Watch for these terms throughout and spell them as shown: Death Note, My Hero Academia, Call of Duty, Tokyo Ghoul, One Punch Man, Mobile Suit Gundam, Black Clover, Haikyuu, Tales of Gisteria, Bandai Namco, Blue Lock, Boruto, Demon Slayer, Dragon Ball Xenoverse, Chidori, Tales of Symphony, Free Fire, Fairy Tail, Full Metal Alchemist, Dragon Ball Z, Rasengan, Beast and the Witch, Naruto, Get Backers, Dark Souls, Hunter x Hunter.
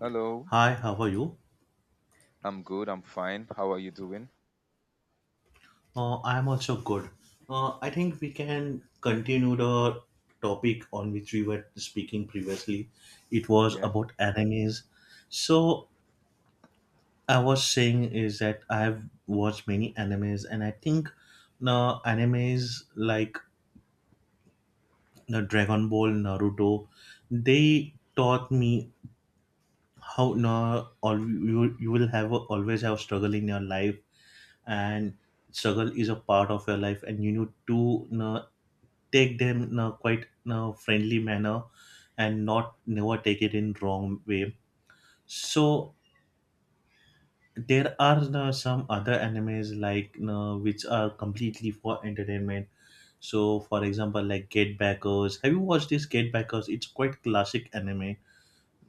Hello. Hi, how are you? I'm good, I'm fine. How are you doing? I'm also good. I think we can continue the topic on which we were speaking previously. It was Yeah. about animes. So I was saying is that I've watched many animes, and I think the animes like the Dragon Ball, Naruto, they taught me how na all you will always have struggle in your life, and struggle is a part of your life, and you need to, take them in a, quite, in a friendly manner, and not never take it in wrong way. So there are some other animes, like which are completely for entertainment. So, for example, like Get Backers. Have you watched this Get Backers? It's quite classic anime.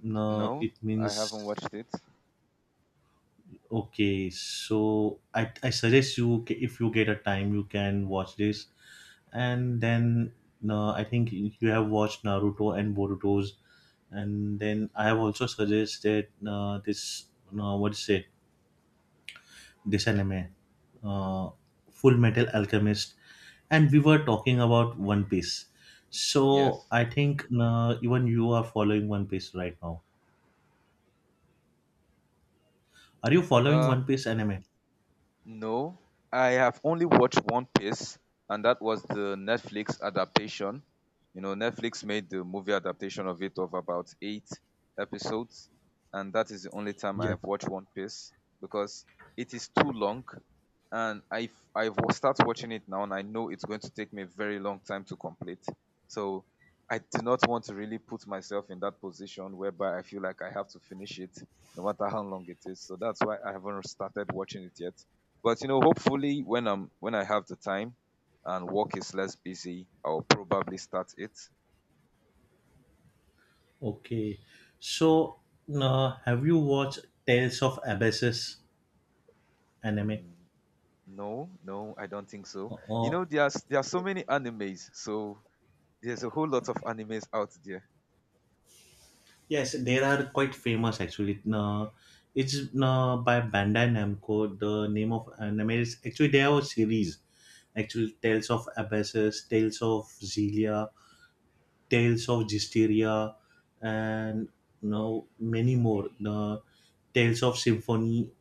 No, No, it I haven't means, watched it. okay, so I suggest you, if you get a time, you can watch this. And then, no, I think you have watched Naruto and Boruto's. And then I have also suggested this, what to say, this anime, uh, Full Metal Alchemist, and we were talking about One Piece. So Yes. I think even you are following One Piece right now. Are you following Um, One Piece anime? No, I have only watched One Piece, and that was the Netflix adaptation. Netflix made the movie adaptation of it of about eight episodes, and that is the only time I Yeah. have watched One Piece because it is too long, and I will start watching it now, and I know it's going to take me a very long time to complete. So I do not want to really put myself in that position whereby I feel like I have to finish it no matter how long it is. So that's why I haven't started watching it yet, but hopefully when I have the time and work is less busy, I'll probably start it. Okay. So have you watched Tales of Abyssus anime? Mm, no, no, I don't think so. Uh, You uh, know, there's there are so many animes, so there's a whole lot of animes out there. Yes, there are quite famous actually. It's by Bandai Namco. The name of anime is actually they have a series. Actually, Tales of Abyssus, Tales of Zelia, Tales of Gisteria, and now many more. The Tales of Symphony.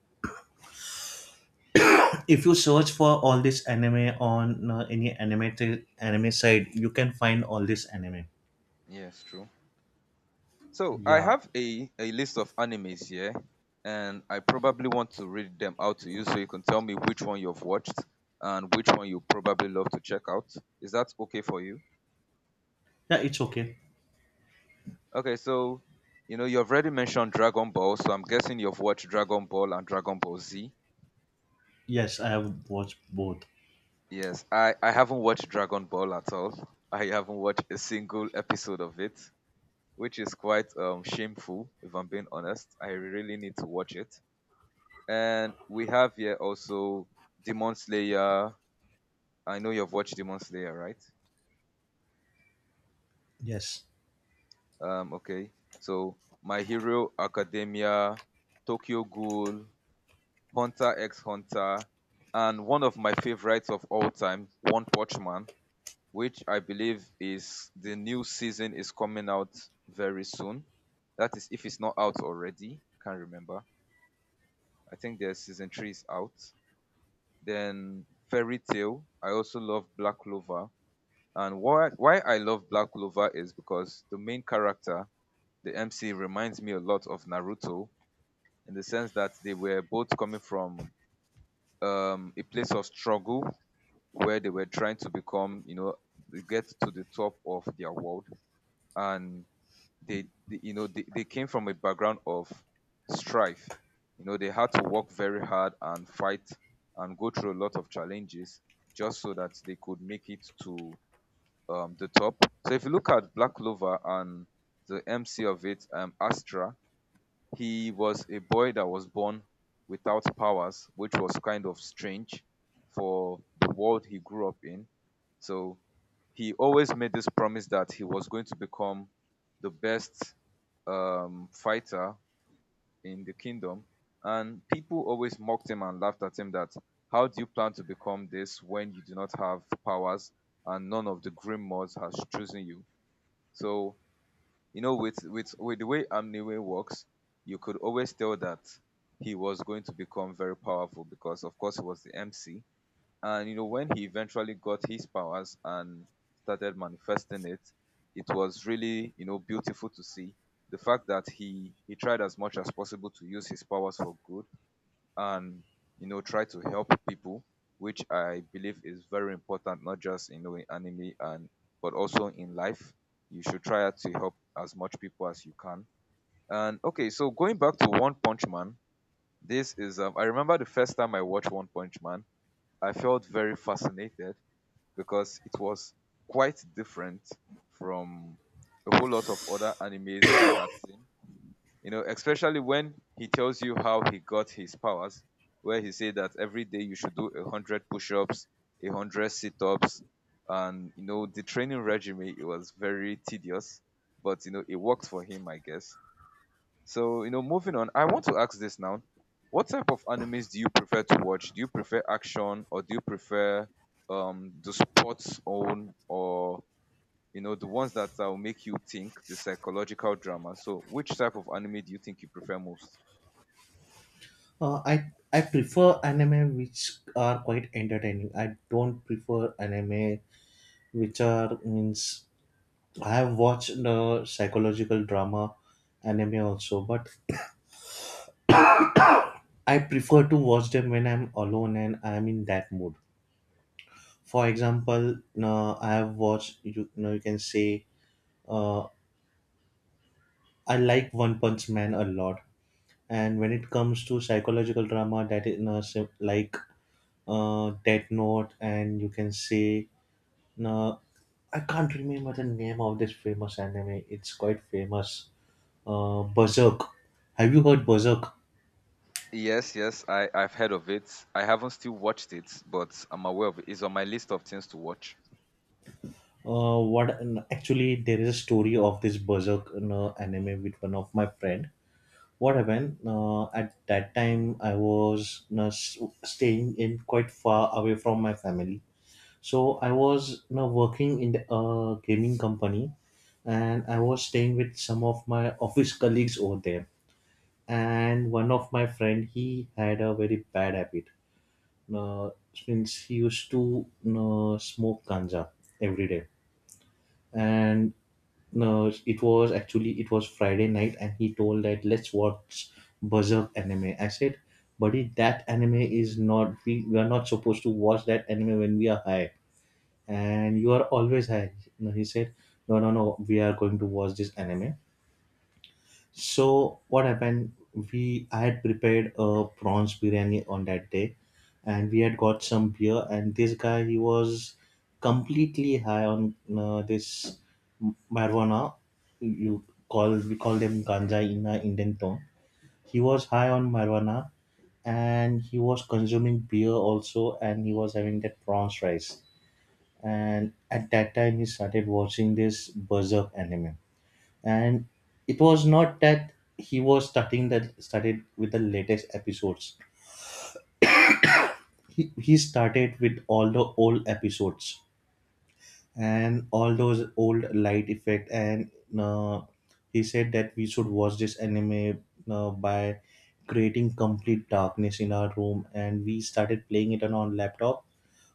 If you search for all this anime on any animated anime site, you can find all this anime. Yes, true. So I Yeah, have a list of animes here, and I probably want to read them out to you so you can tell me which one you've watched and which one you probably love to check out. Is that okay for you? yeah, it's okay. Okay, so you know you've already mentioned Dragon Ball, so I'm guessing you've watched Dragon Ball and Dragon Ball Z. Yes, I have watched both. Yes, I haven't watched Dragon Ball at all. I haven't watched a single episode of it, which is quite shameful if I'm being honest. I really need to watch it. And we have here also Demon Slayer. I know you've watched Demon Slayer, right? Yes. Okay. So My Hero Academia, Tokyo Ghoul, Hunter x Hunter, and one of my favorites of all time, One Punch Man, which I believe is the new season is coming out very soon. That is, if it's not out already, I can't remember. I think their season three is out. Then Fairy Tail. I also love Black Clover. And why I love Black Clover is because the main character, the MC, reminds me a lot of Naruto in the sense that they were both coming from a place of struggle where they were trying to get to the top of their world, and they you know, they came from a background of strife. They had to work very hard and fight and go through a lot of challenges just so that they could make it to the top. So if you look at Black Clover and the MC of it, Astra, he was a boy that was born without powers, which was kind of strange for the world he grew up in. So he always made this promise that he was going to become the best fighter in the kingdom. And people always mocked him and laughed at him that, how do you plan to become this when you do not have powers and none of the Grim has chosen you? So with the way Amniwe works, you could always tell that he was going to become very powerful because of course he was the MC. And when he eventually got his powers and started manifesting it, it was really beautiful to see the fact that he tried as much as possible to use his powers for good, and try to help people, which I believe is very important, not just in anime and but also in life. You should try to help as much people as you can. And okay, so going back to One Punch Man, this is I remember the first time I watched One Punch Man. I felt very fascinated because it was quite different from a whole lot of other animes I had seen, especially when he tells you how he got his powers, where he said that every day you should do 100 push-ups, 100 sit-ups, and the training regime, it was very tedious, but it worked for him, I guess. So moving on, I want to ask this now: what type of animes do you prefer to watch? Do you prefer action, or do you prefer the sports own, or the ones that will make you think, the psychological drama. So, which type of anime do you think you prefer most? I prefer anime which are quite entertaining. I don't prefer anime which are, means, I have watched the psychological drama anime also, but I prefer to watch them when I'm alone and I'm in that mood. For example, I have watched, you know you can say, uh, I like One Punch Man a lot, and when it comes to psychological drama, that is, like Death Note, and you can say. No, I can't remember the name of this famous anime. It's quite famous. Berserk. Have you heard Berserk? Yes, yes, I've heard of it. I haven't still watched it, but I'm aware of it. It's on my list of things to watch. What Actually, there is a story of this Berserk, anime with one of my friend. What happened? At that time, I was, staying in quite far away from my family. So I was, working in the gaming company, and I was staying with some of my office colleagues over there, and one of my friend, he had a very bad habit, uh, since he used to smoke ganja every day. And it was actually, it was Friday night, and he told that, let's watch Berserk anime. I said, buddy, that anime is not, we are not supposed to watch that anime when we are high, and you are always high. No, he said, no, no, no, we are going to watch this anime. So what happened? We I had prepared a prawns biryani on that day, and we had got some beer. And this guy, he was completely high on this marijuana. You call We call them ganja in our Indian term. He was high on marijuana, and he was consuming beer also, and he was having that prawns rice. And at that time, he started watching this Berserk anime. And it was not that he was starting, that started with the latest episodes. He started with all the old episodes, and all those old light effect, and uh, he said that we should watch this anime by creating complete darkness in our room, and we started playing it on our laptop.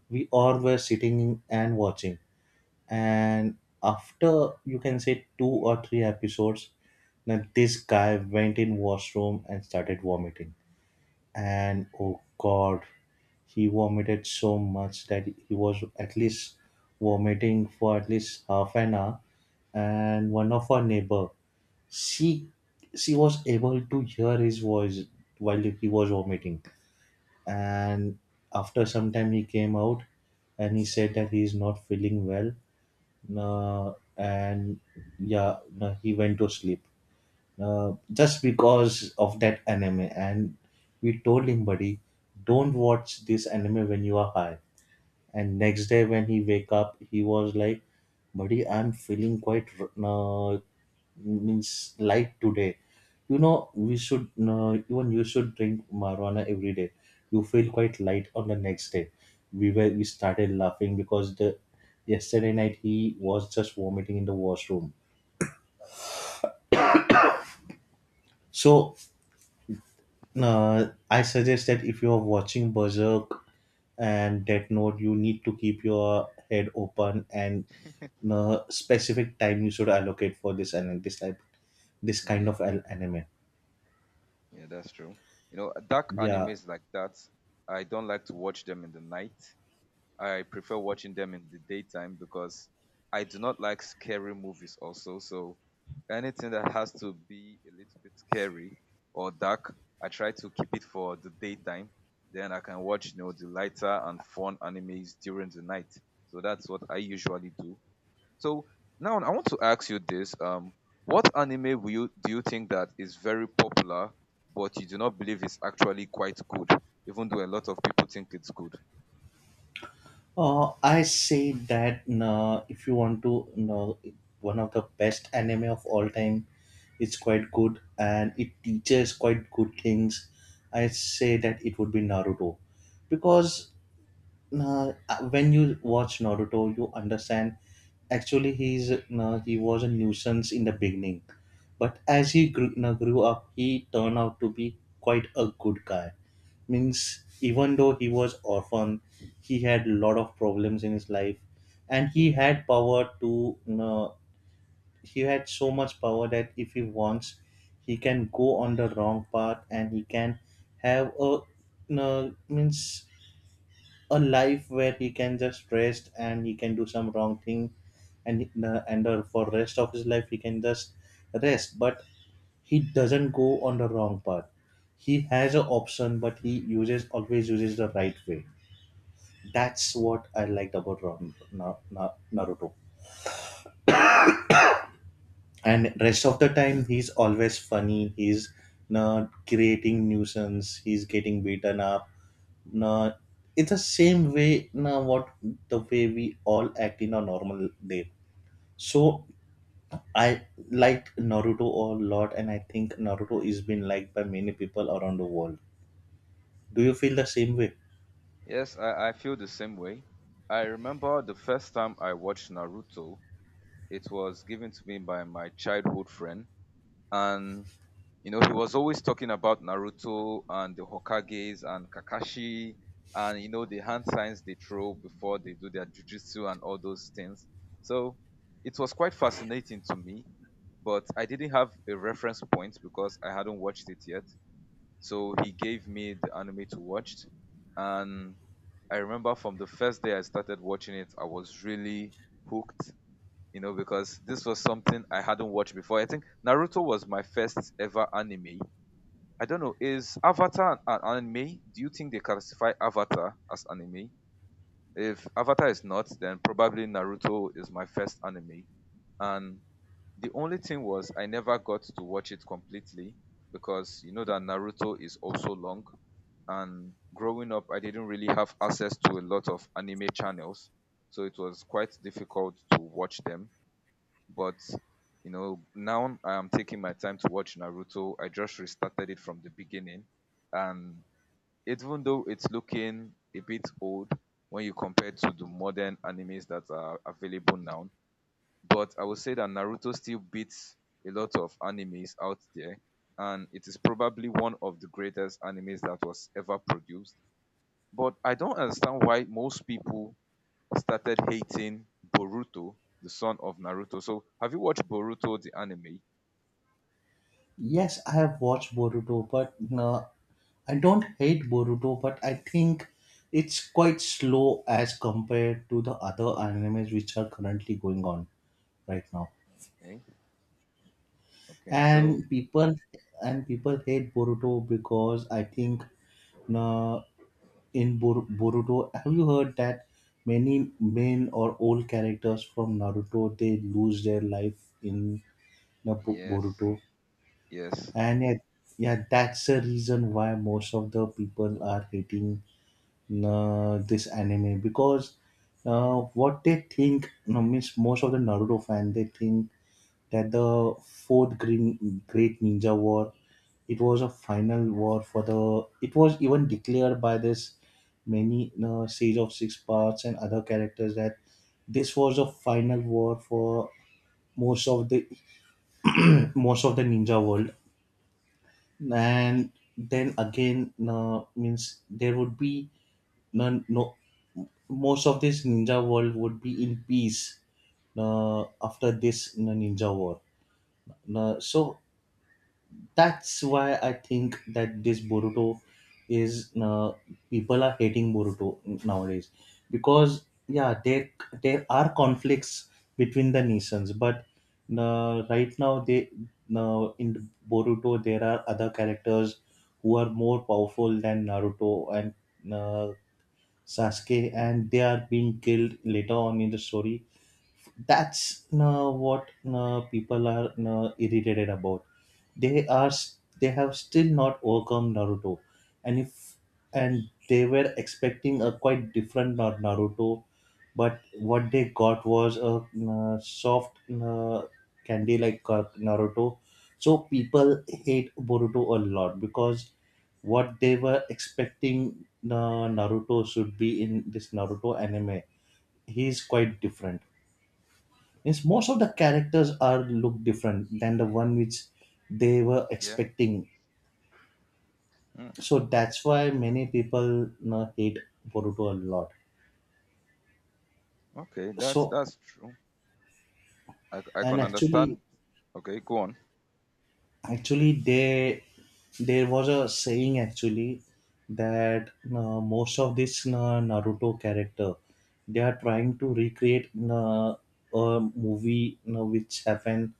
We all were sitting and watching, and after, you can say, two or three episodes, then this guy went in washroom and started vomiting. And, oh god, he vomited so much that he was at least vomiting for at least half an hour. And one of our neighbor, she she was able to hear his voice while he was vomiting. And after some time, he came out, and he said that he is not feeling well. uh, and yeah, he went to sleep, just because of that anime. And we told him, buddy, don't watch this anime when you are high. And next day when he wake up, he was like, buddy, I'm feeling quite, uh, means, light today. You know, we should, even you should drink marijuana every day. You feel quite light on the next day. We started laughing because the yesterday night he was just vomiting in the washroom. So I suggest that if you are watching Berserk and Death Note, you need to keep your head open, and specific time you should allocate for this, and this type, this kind Yeah, of anime. yeah, that's true. Dark Yeah. animes like that, I don't like to watch them in the night. I prefer watching them in the daytime because I do not like scary movies also. So anything that has to be a little bit scary or dark, I try to keep it for the daytime. Then I can watch the lighter and fun animes during the night. So that's what I usually do. So now I want to ask you this. What anime do you think that is very popular, but you do not believe is actually quite good, even though a lot of people think it's good? I say that, if you want to know one of the best anime of all time, it's quite good and it teaches quite good things. I say that it would be Naruto because, Nah, when you watch Naruto, you understand, actually, he was a nuisance in the beginning, but as he grew, grew up, he turned out to be quite a good guy. Means even though he was orphan, he had a lot of problems in his life, and he had power to. He had so much power that if he wants, he can go on the wrong path, and he can have a. Means a life where he can just rest, and he can do some wrong thing, and for rest of his life he can just rest. But he doesn't go on the wrong path. He has an option, but he uses always uses the right way. That's what I liked about, Naruto. And rest of the time, he's always funny, he's not creating nuisance, he's getting beaten up. No, it's the same way, no, what, the way we all act in a normal day. So I like Naruto a lot, and I think Naruto is been liked by many people around the world. Do you feel the same way? Yes, I feel the same way. I remember the first time I watched Naruto. It was given to me by my childhood friend. And he was always talking about Naruto and the Hokages and Kakashi and the hand signs they throw before they do their jujitsu and all those things. So it was quite fascinating to me, but I didn't have a reference point because I hadn't watched it yet. So he gave me the anime to watch, and I remember from the first day I started watching it, I was really hooked because this was something I hadn't watched before. I think Naruto was my first ever anime. I don't know, is Avatar an anime? Do you think they classify Avatar as anime? If Avatar is not, then probably Naruto is my first anime. And the only thing was I never got to watch it completely because you know that Naruto is also long, and growing up I didn't really have access to a lot of anime channels, so it was quite difficult to watch them. But now I am taking my time to watch Naruto. I just restarted it from the beginning, and even though it's looking a bit old when you compare to the modern animes that are available now, but I would say that Naruto still beats a lot of animes out there, and it is probably one of the greatest animes that was ever produced. But I don't understand why most people started hating Boruto, the son of Naruto. So, have you watched Boruto, the anime? Yes, I have watched Boruto, but no, I don't hate Boruto, but I think it's quite slow as compared to the other animes which are currently going on right now. Okay, okay. So, And people and people hate Boruto because I think, no, in Boruto, have you heard that many main or old characters from Naruto, they lose their life in the yes, Boruto? yes, And yeah, yeah, that's the reason why most of the people are hating this anime because, what they think, no, means most of the Naruto fan they think that the fourth, green, great ninja war, it was a final war for the, it was even declared by this many, siege of six parts and other characters, that this was a final war for most of the most of the ninja world. And then again, means, there would be none, no, most of this ninja world would be in peace after this, ninja war. So that's why I think that this Boruto is, people are hating Boruto nowadays because, yeah, there are conflicts between the nations, but right now they, now in Boruto there are other characters who are more powerful than Naruto and, Sasuke, and they are being killed later on in the story. That's what, people are irritated about. They are, they have still not overcome Naruto, and if and they were expecting a quite different, Naruto, but what they got was a, soft, uh, candy like, Naruto. So people hate Boruto a lot because what they were expecting, Naruto should be in this Naruto anime. He is quite different. Means most of the characters are look different than the one which they were yeah. expecting. Mm, So that's why many people, hate Boruto a lot. okay, that's So, that's true. I and can actually understand. Okay, go on. actually they, there was a saying actually that you, most of this, you, Naruto character, they are trying to recreate, you, a movie, which happened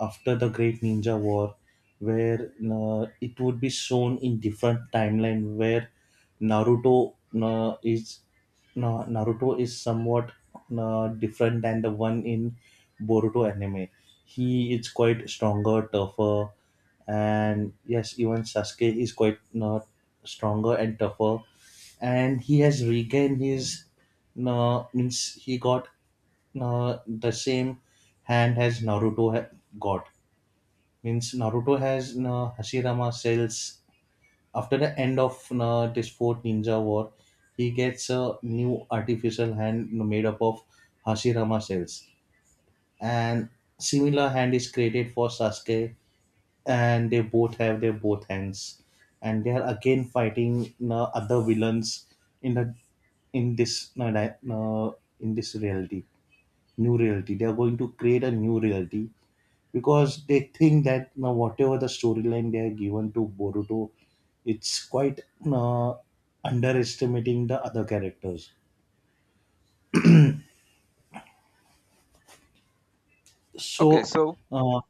after the Great Ninja War, where it would be shown in different timeline where Naruto, uh, is Naruto is somewhat different than the one in Boruto anime. He is quite stronger, tougher, and yes, even Sasuke is quite not stronger and tougher, and he has regained his, means he got the same hand as Naruto got. Means Naruto has Hashirama cells. After the end of this fourth ninja war, he gets a new artificial hand made up of Hashirama cells. And similar hand is created for Sasuke, and they both have their both hands. And they are again fighting other villains in the in this uh, di- uh, in this reality, new reality. They are going to create a new reality because they think that now whatever the storyline they are given to Boruto, it's quite uh, underestimating the other characters. Okay, So so uh,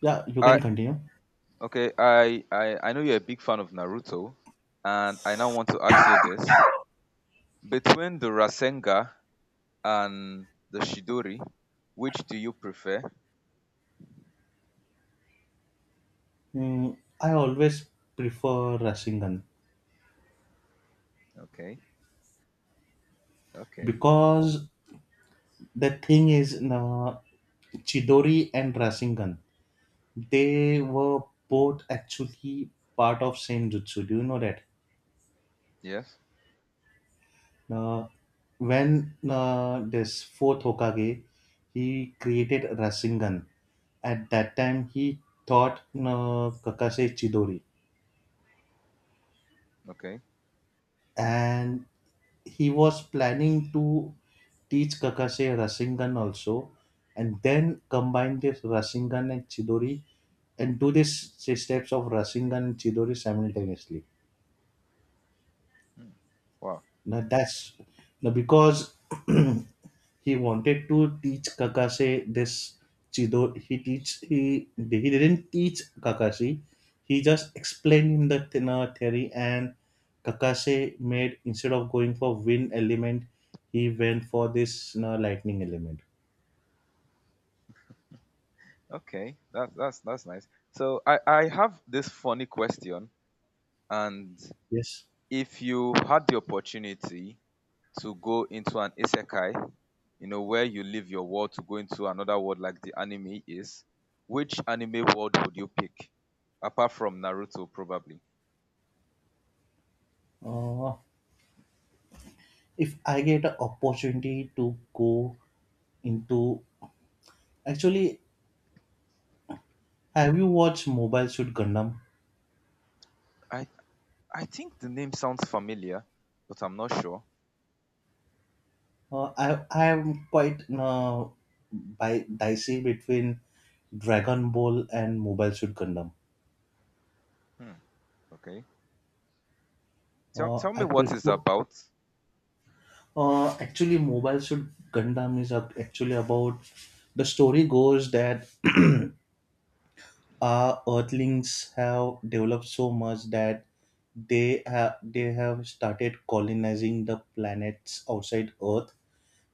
yeah, you can continue. Okay, I, I I know you're a big fan of Naruto, and I now want to ask you this: between the Rasenga and the Shidori, which do you prefer? Mm, I always prefer Rasengan Okay, okay, because the thing is Chidori and Rasengan they were both actually part of same jutsu. Do you know that? yes, Uh, when this fourth Hokage, he created Rasengan. At that time, he taught Kakase Chidori, okay. and he was planning to teach Kakase Rasengan also, and then combine this Rasengan and Chidori and do these steps of Rasengan and Chidori simultaneously. Hmm. Wow. Now that's now because he wanted to teach Kakashi this Chido. He didn't teach Kakashi. He just explained him the theory, and Kakashi made instead of going for wind element, he went for this lightning element. Okay, that's nice. So I have this funny question, and Yes. if you had the opportunity to go into an isekai where you leave your world to go into another world like the anime is, which anime world would you pick? Apart from Naruto, probably. Uh, if I get an opportunity to go into actually, have you watched Mobile Suit Gundam? I I think the name sounds familiar, but I'm not sure. I am quite dicey between Dragon Ball and Mobile Suit Gundam. Hmm. Okay. Tell tell me I what it's prefer about. Actually Mobile Suit Gundam is actually about the story goes that our Earthlings have developed so much that they have started colonizing the planets outside Earth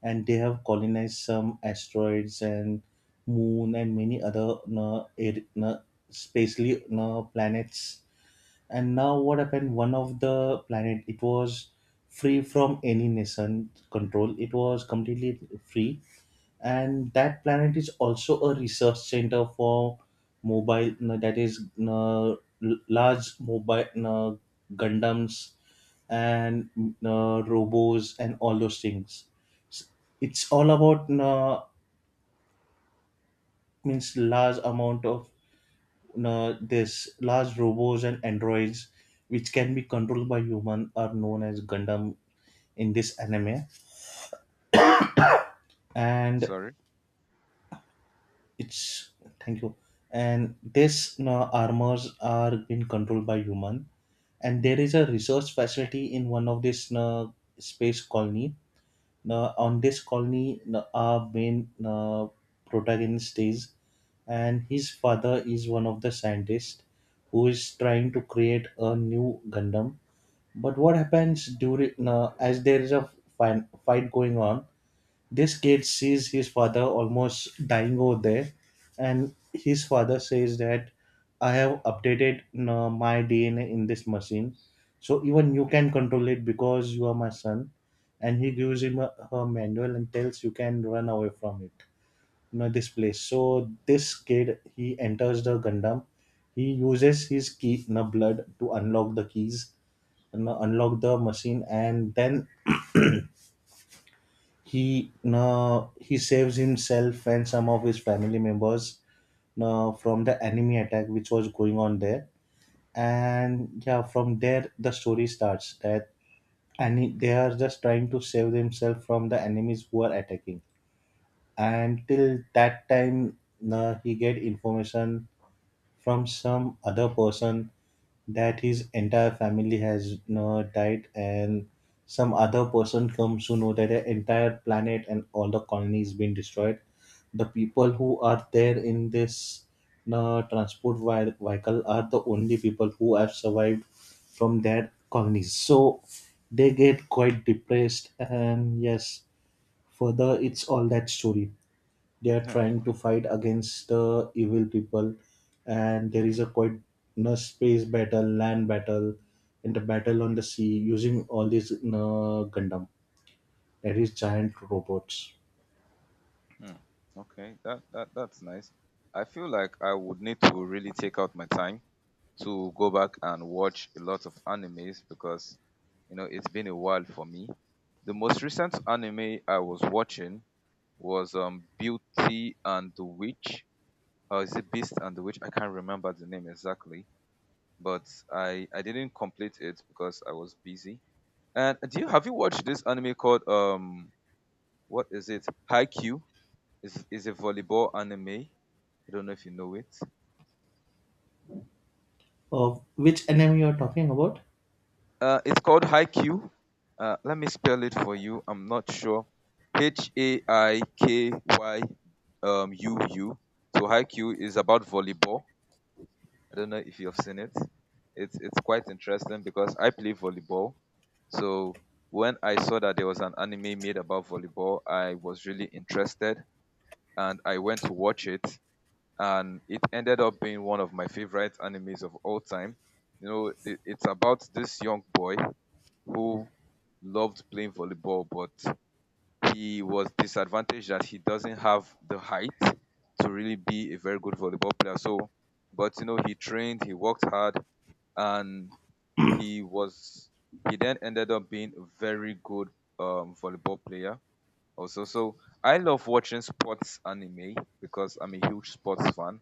and they have colonized some asteroids and moon and many other na, air, na, spacely na, planets and now what happened one of the planet it was free from any nation control, it was completely free, and that planet is also a research center for mobile no, that is no, large mobile no, gundams and no, robos and all those things S- it's all about no, means large amount of no, this large robots and androids which can be controlled by human are known as gundam in this anime and Sorry. it's thank you and these armors are being controlled by human and there is a research facility in one of this space colony. Now, on this colony our main protagonist is and his father is one of the scientists who is trying to create a new gundam but what happens during as there is a fight going on, this kid sees his father almost dying over there, and his father says that I have updated my DNA in this machine, so even you can control it because you are my son. And he gives him a manual and tells you can run away from it, you know, this place. So this kid he enters the Gundam. He uses his key, you know, blood to unlock the keys and unlock the machine, and then he now he saves himself and some of his family members now from the enemy attack which was going on there. And yeah, from there the story starts that and they are just trying to save themselves from the enemies who are attacking. And till that time, now he get information from some other person that his entire family has died and some other person comes to know that the entire planet and all the colonies been destroyed, the people who are there in this transport vehicle are the only people who have survived from their colonies, so they get quite depressed and yes further it's all that story, they are Yeah. trying to fight against the evil people and there is a quite you know, space battle, land battle and the battle on the sea using all these you gundam, that is giant robots. Hmm. Okay. That's nice. I feel like I would need to really take out my time to go back and watch a lot of animes because it's been a while for me. The most recent anime I was watching was Beauty and the Witch. Or is it Beast and the Witch? I can't remember the name exactly, but I didn't complete it because I was busy. And do you have you watched this anime called what is it? Haikyuu? Is a volleyball anime. I don't know if you know it. Of which anime you are talking about? It's called Haiku. Let me spell it for you. I'm not sure. H A I K Y U U. So Haiku is about volleyball. I don't know if you've seen it. It's quite interesting because I play volleyball. So when I saw that there was an anime made about volleyball, I was really interested, and I went to watch it. And it ended up being one of my favorite animes of all time. It's about this young boy who loved playing volleyball, but he was disadvantaged that he doesn't have the height to really be a very good volleyball player. So, but he trained, he worked hard, and he was he then ended up being a very good volleyball player also. So I love watching sports anime because I'm a huge sports fan,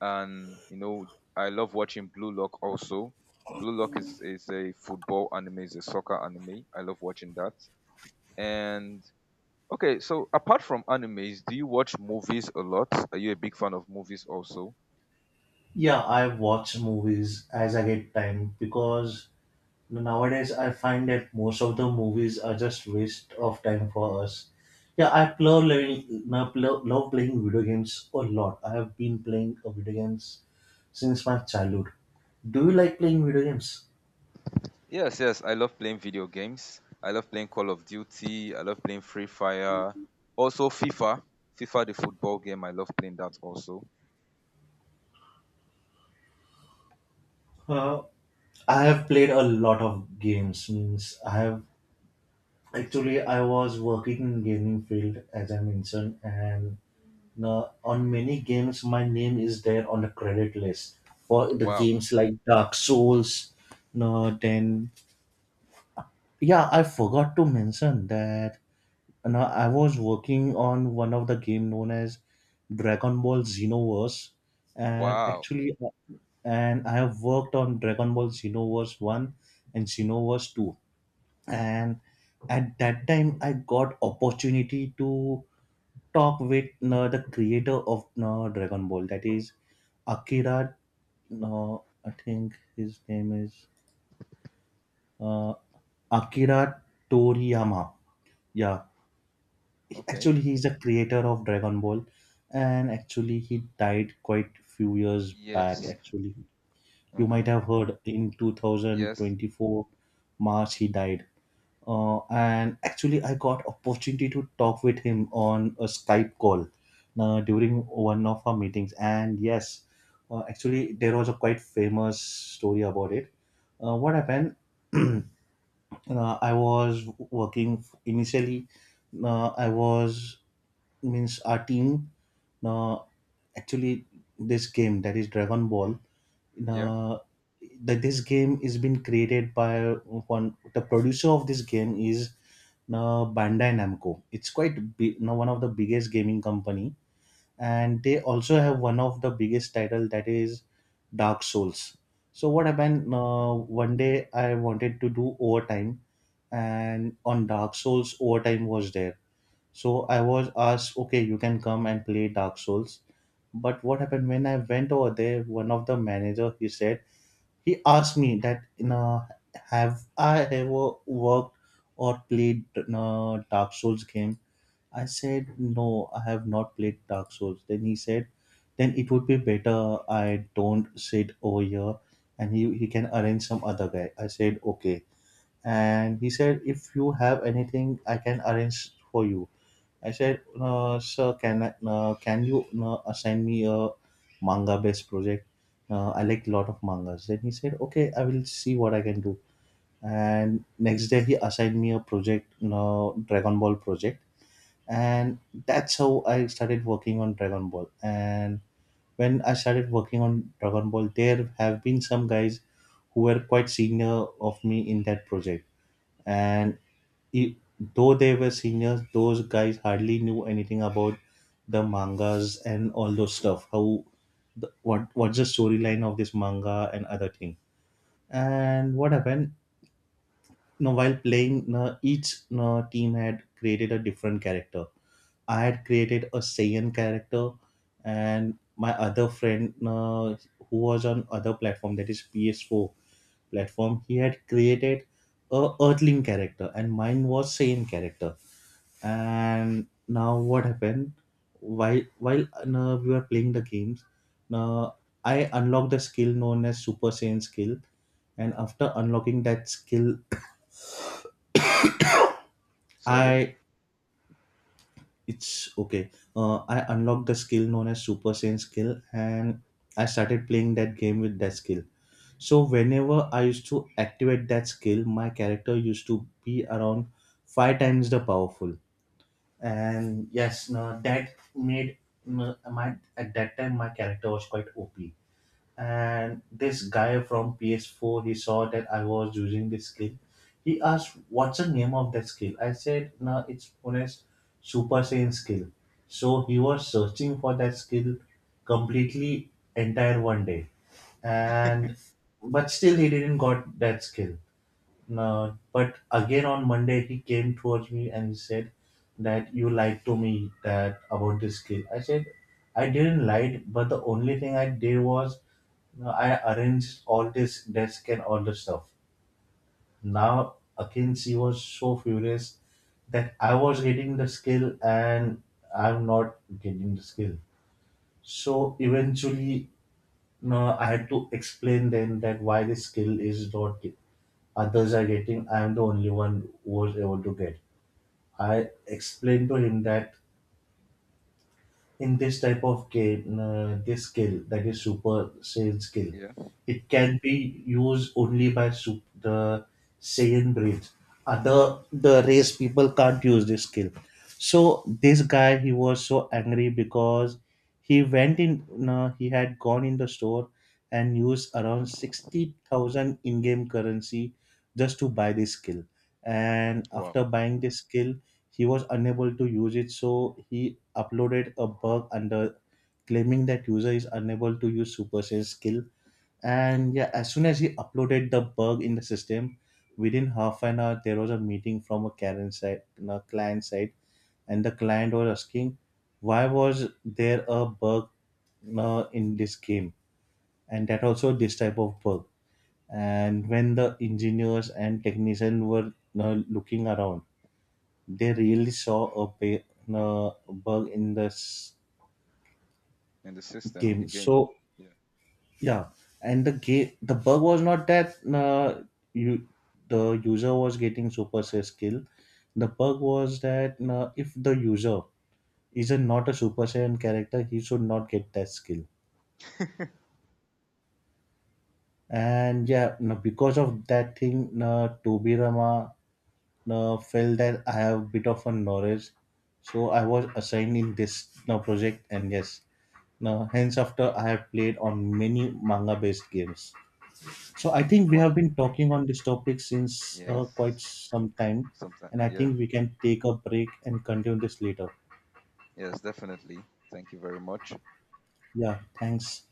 and I love watching Blue Lock also. Blue Lock is a football anime, is a soccer anime. I love watching that. And okay, so apart from animes, do you watch movies a lot? Are you a big fan of movies also? Yeah, I watch movies as I get time because nowadays I find that most of the movies are just waste of time for us. Yeah, I love playing, love playing video games a lot. I have been playing video games since my childhood. Do you like playing video games? Yes, yes, I love playing video games. I love playing Call of Duty. I love playing Free Fire. Also FIFA, the football game. I love playing that also. Uh, I have played a lot of games. Means I have actually I was working in gaming field as I Yeah. mentioned, and now, on many games, my name is there on the credit list for the Wow. games like Dark Souls. Now, then, yeah, I forgot to mention that. Now, I was working on one of the game known as Dragon Ball Xenoverse, and Wow. actually, and I have worked on Dragon Ball Xenoverse One and Xenoverse Two, and at that time, I got opportunity to talk with the creator of Dragon Ball, that is Akira. No, I think his name is uh, Akira Toriyama. Yeah, Okay. actually, he's the creator of Dragon Ball, and actually, he died quite few years back. Yes. Actually, you might Okay. have heard in Yes. 2024 March he died. Uh, and actually I got opportunity to talk with him on a Skype call during one of our meetings and yes actually there was a quite famous story about it. What happened uh, I was working initially, I was means our team uh, actually this game that is Dragon Ball, Yeah. uh, that this game is been created by one the producer of this game is Bandai Namco. It's quite big, now one of the biggest gaming company, and they also have one of the biggest title that is Dark Souls. So what happened one day I wanted to do overtime and on Dark Souls overtime was there, so I was asked, okay, you can come and play Dark Souls. But what happened when I went over there? One of the manager he said he asked me that you know have I ever worked or played Dark Souls game? I said no, I have not played Dark Souls. Then he said, then it would be better I don't sit over here, and he can arrange some other guy. I said okay, and he said if you have anything, I can arrange for you. I said, "Sir, can I, can you assign me a manga-based project? I like a lot of mangas." Then he said, "Okay, I will see what I can do." And next day, he assigned me a project, Dragon Ball project, and that's how I started working on Dragon Ball. And when I started working on Dragon Ball, there have been some guys who were quite senior of me in that project and e- though they were seniors, those guys hardly knew anything about the mangas and all those stuff. How the, what's the storyline of this manga and other thing. And what happened? No, while playing, no, each no, team had created a different character. I had created a Saiyan character, and my other friend no, who was on other platform that is PS4 platform, he had created a Earthling character, and mine was Saiyan character and now what happened while we were playing the games, uh, I unlocked the skill known as super Saiyan skill, and after unlocking that skill Sorry. I it's okay I unlocked the skill known as super Saiyan skill and I started playing that game with that skill. So whenever I used to activate that skill my character used to be around five times the powerful, and yes no, that made no, my at that time my character was quite OP. And this guy from PS4 he saw that I was using this skill, he asked what's the name of that skill. I said no, it's known as super Saiyan skill. So he was searching for that skill completely entire one day, and but still he didn't got that skill, no, but again on Monday he came towards me and he said that you lied to me that about this skill. I said I didn't lie, but the only thing I did was I arranged all this desk and all the stuff. Now again she was so furious that I was getting the skill and I'm not getting the skill. So eventually no, I had to explain then that why this skill is not others are getting. I am the only one who was able to get. I explained to him that in this type of game, this skill that is super Saiyan skill, Yeah. it can be used only by the Saiyan breed. Other the race people can't use this skill. So this guy he was so angry because he went in. No, he had gone in the store and used around 60,000 in-game currency just to buy this skill. And Wow. after buying this skill, he was unable to use it, so he uploaded a bug under claiming that user is unable to use super sales skill, and yeah as soon as he uploaded the bug in the system, within half an hour there was a meeting from a Karen side, a client side, and the client was asking why was there a bug in this game and that also this type of bug. And when the engineers and technicians were looking around, they really saw a bug in this In the system, in the game. game. So Yeah. yeah, and the gate the bug was not that you the user was getting super Saiyan skill. The bug was that if the user is a, not a super Saiyan character, he should not get that skill. And yeah, no, because of that thing, Tobirama felt that I have a bit of a knowledge, so I was assigned in this project. And yes, now hence after I have played on many manga based games. So I No. think we have Wow. been talking on this topic since quite Yes. some time, Sometimes. and I Yeah. think we can take a break and continue this later. Yes, definitely. Thank you very much. Yeah, thanks.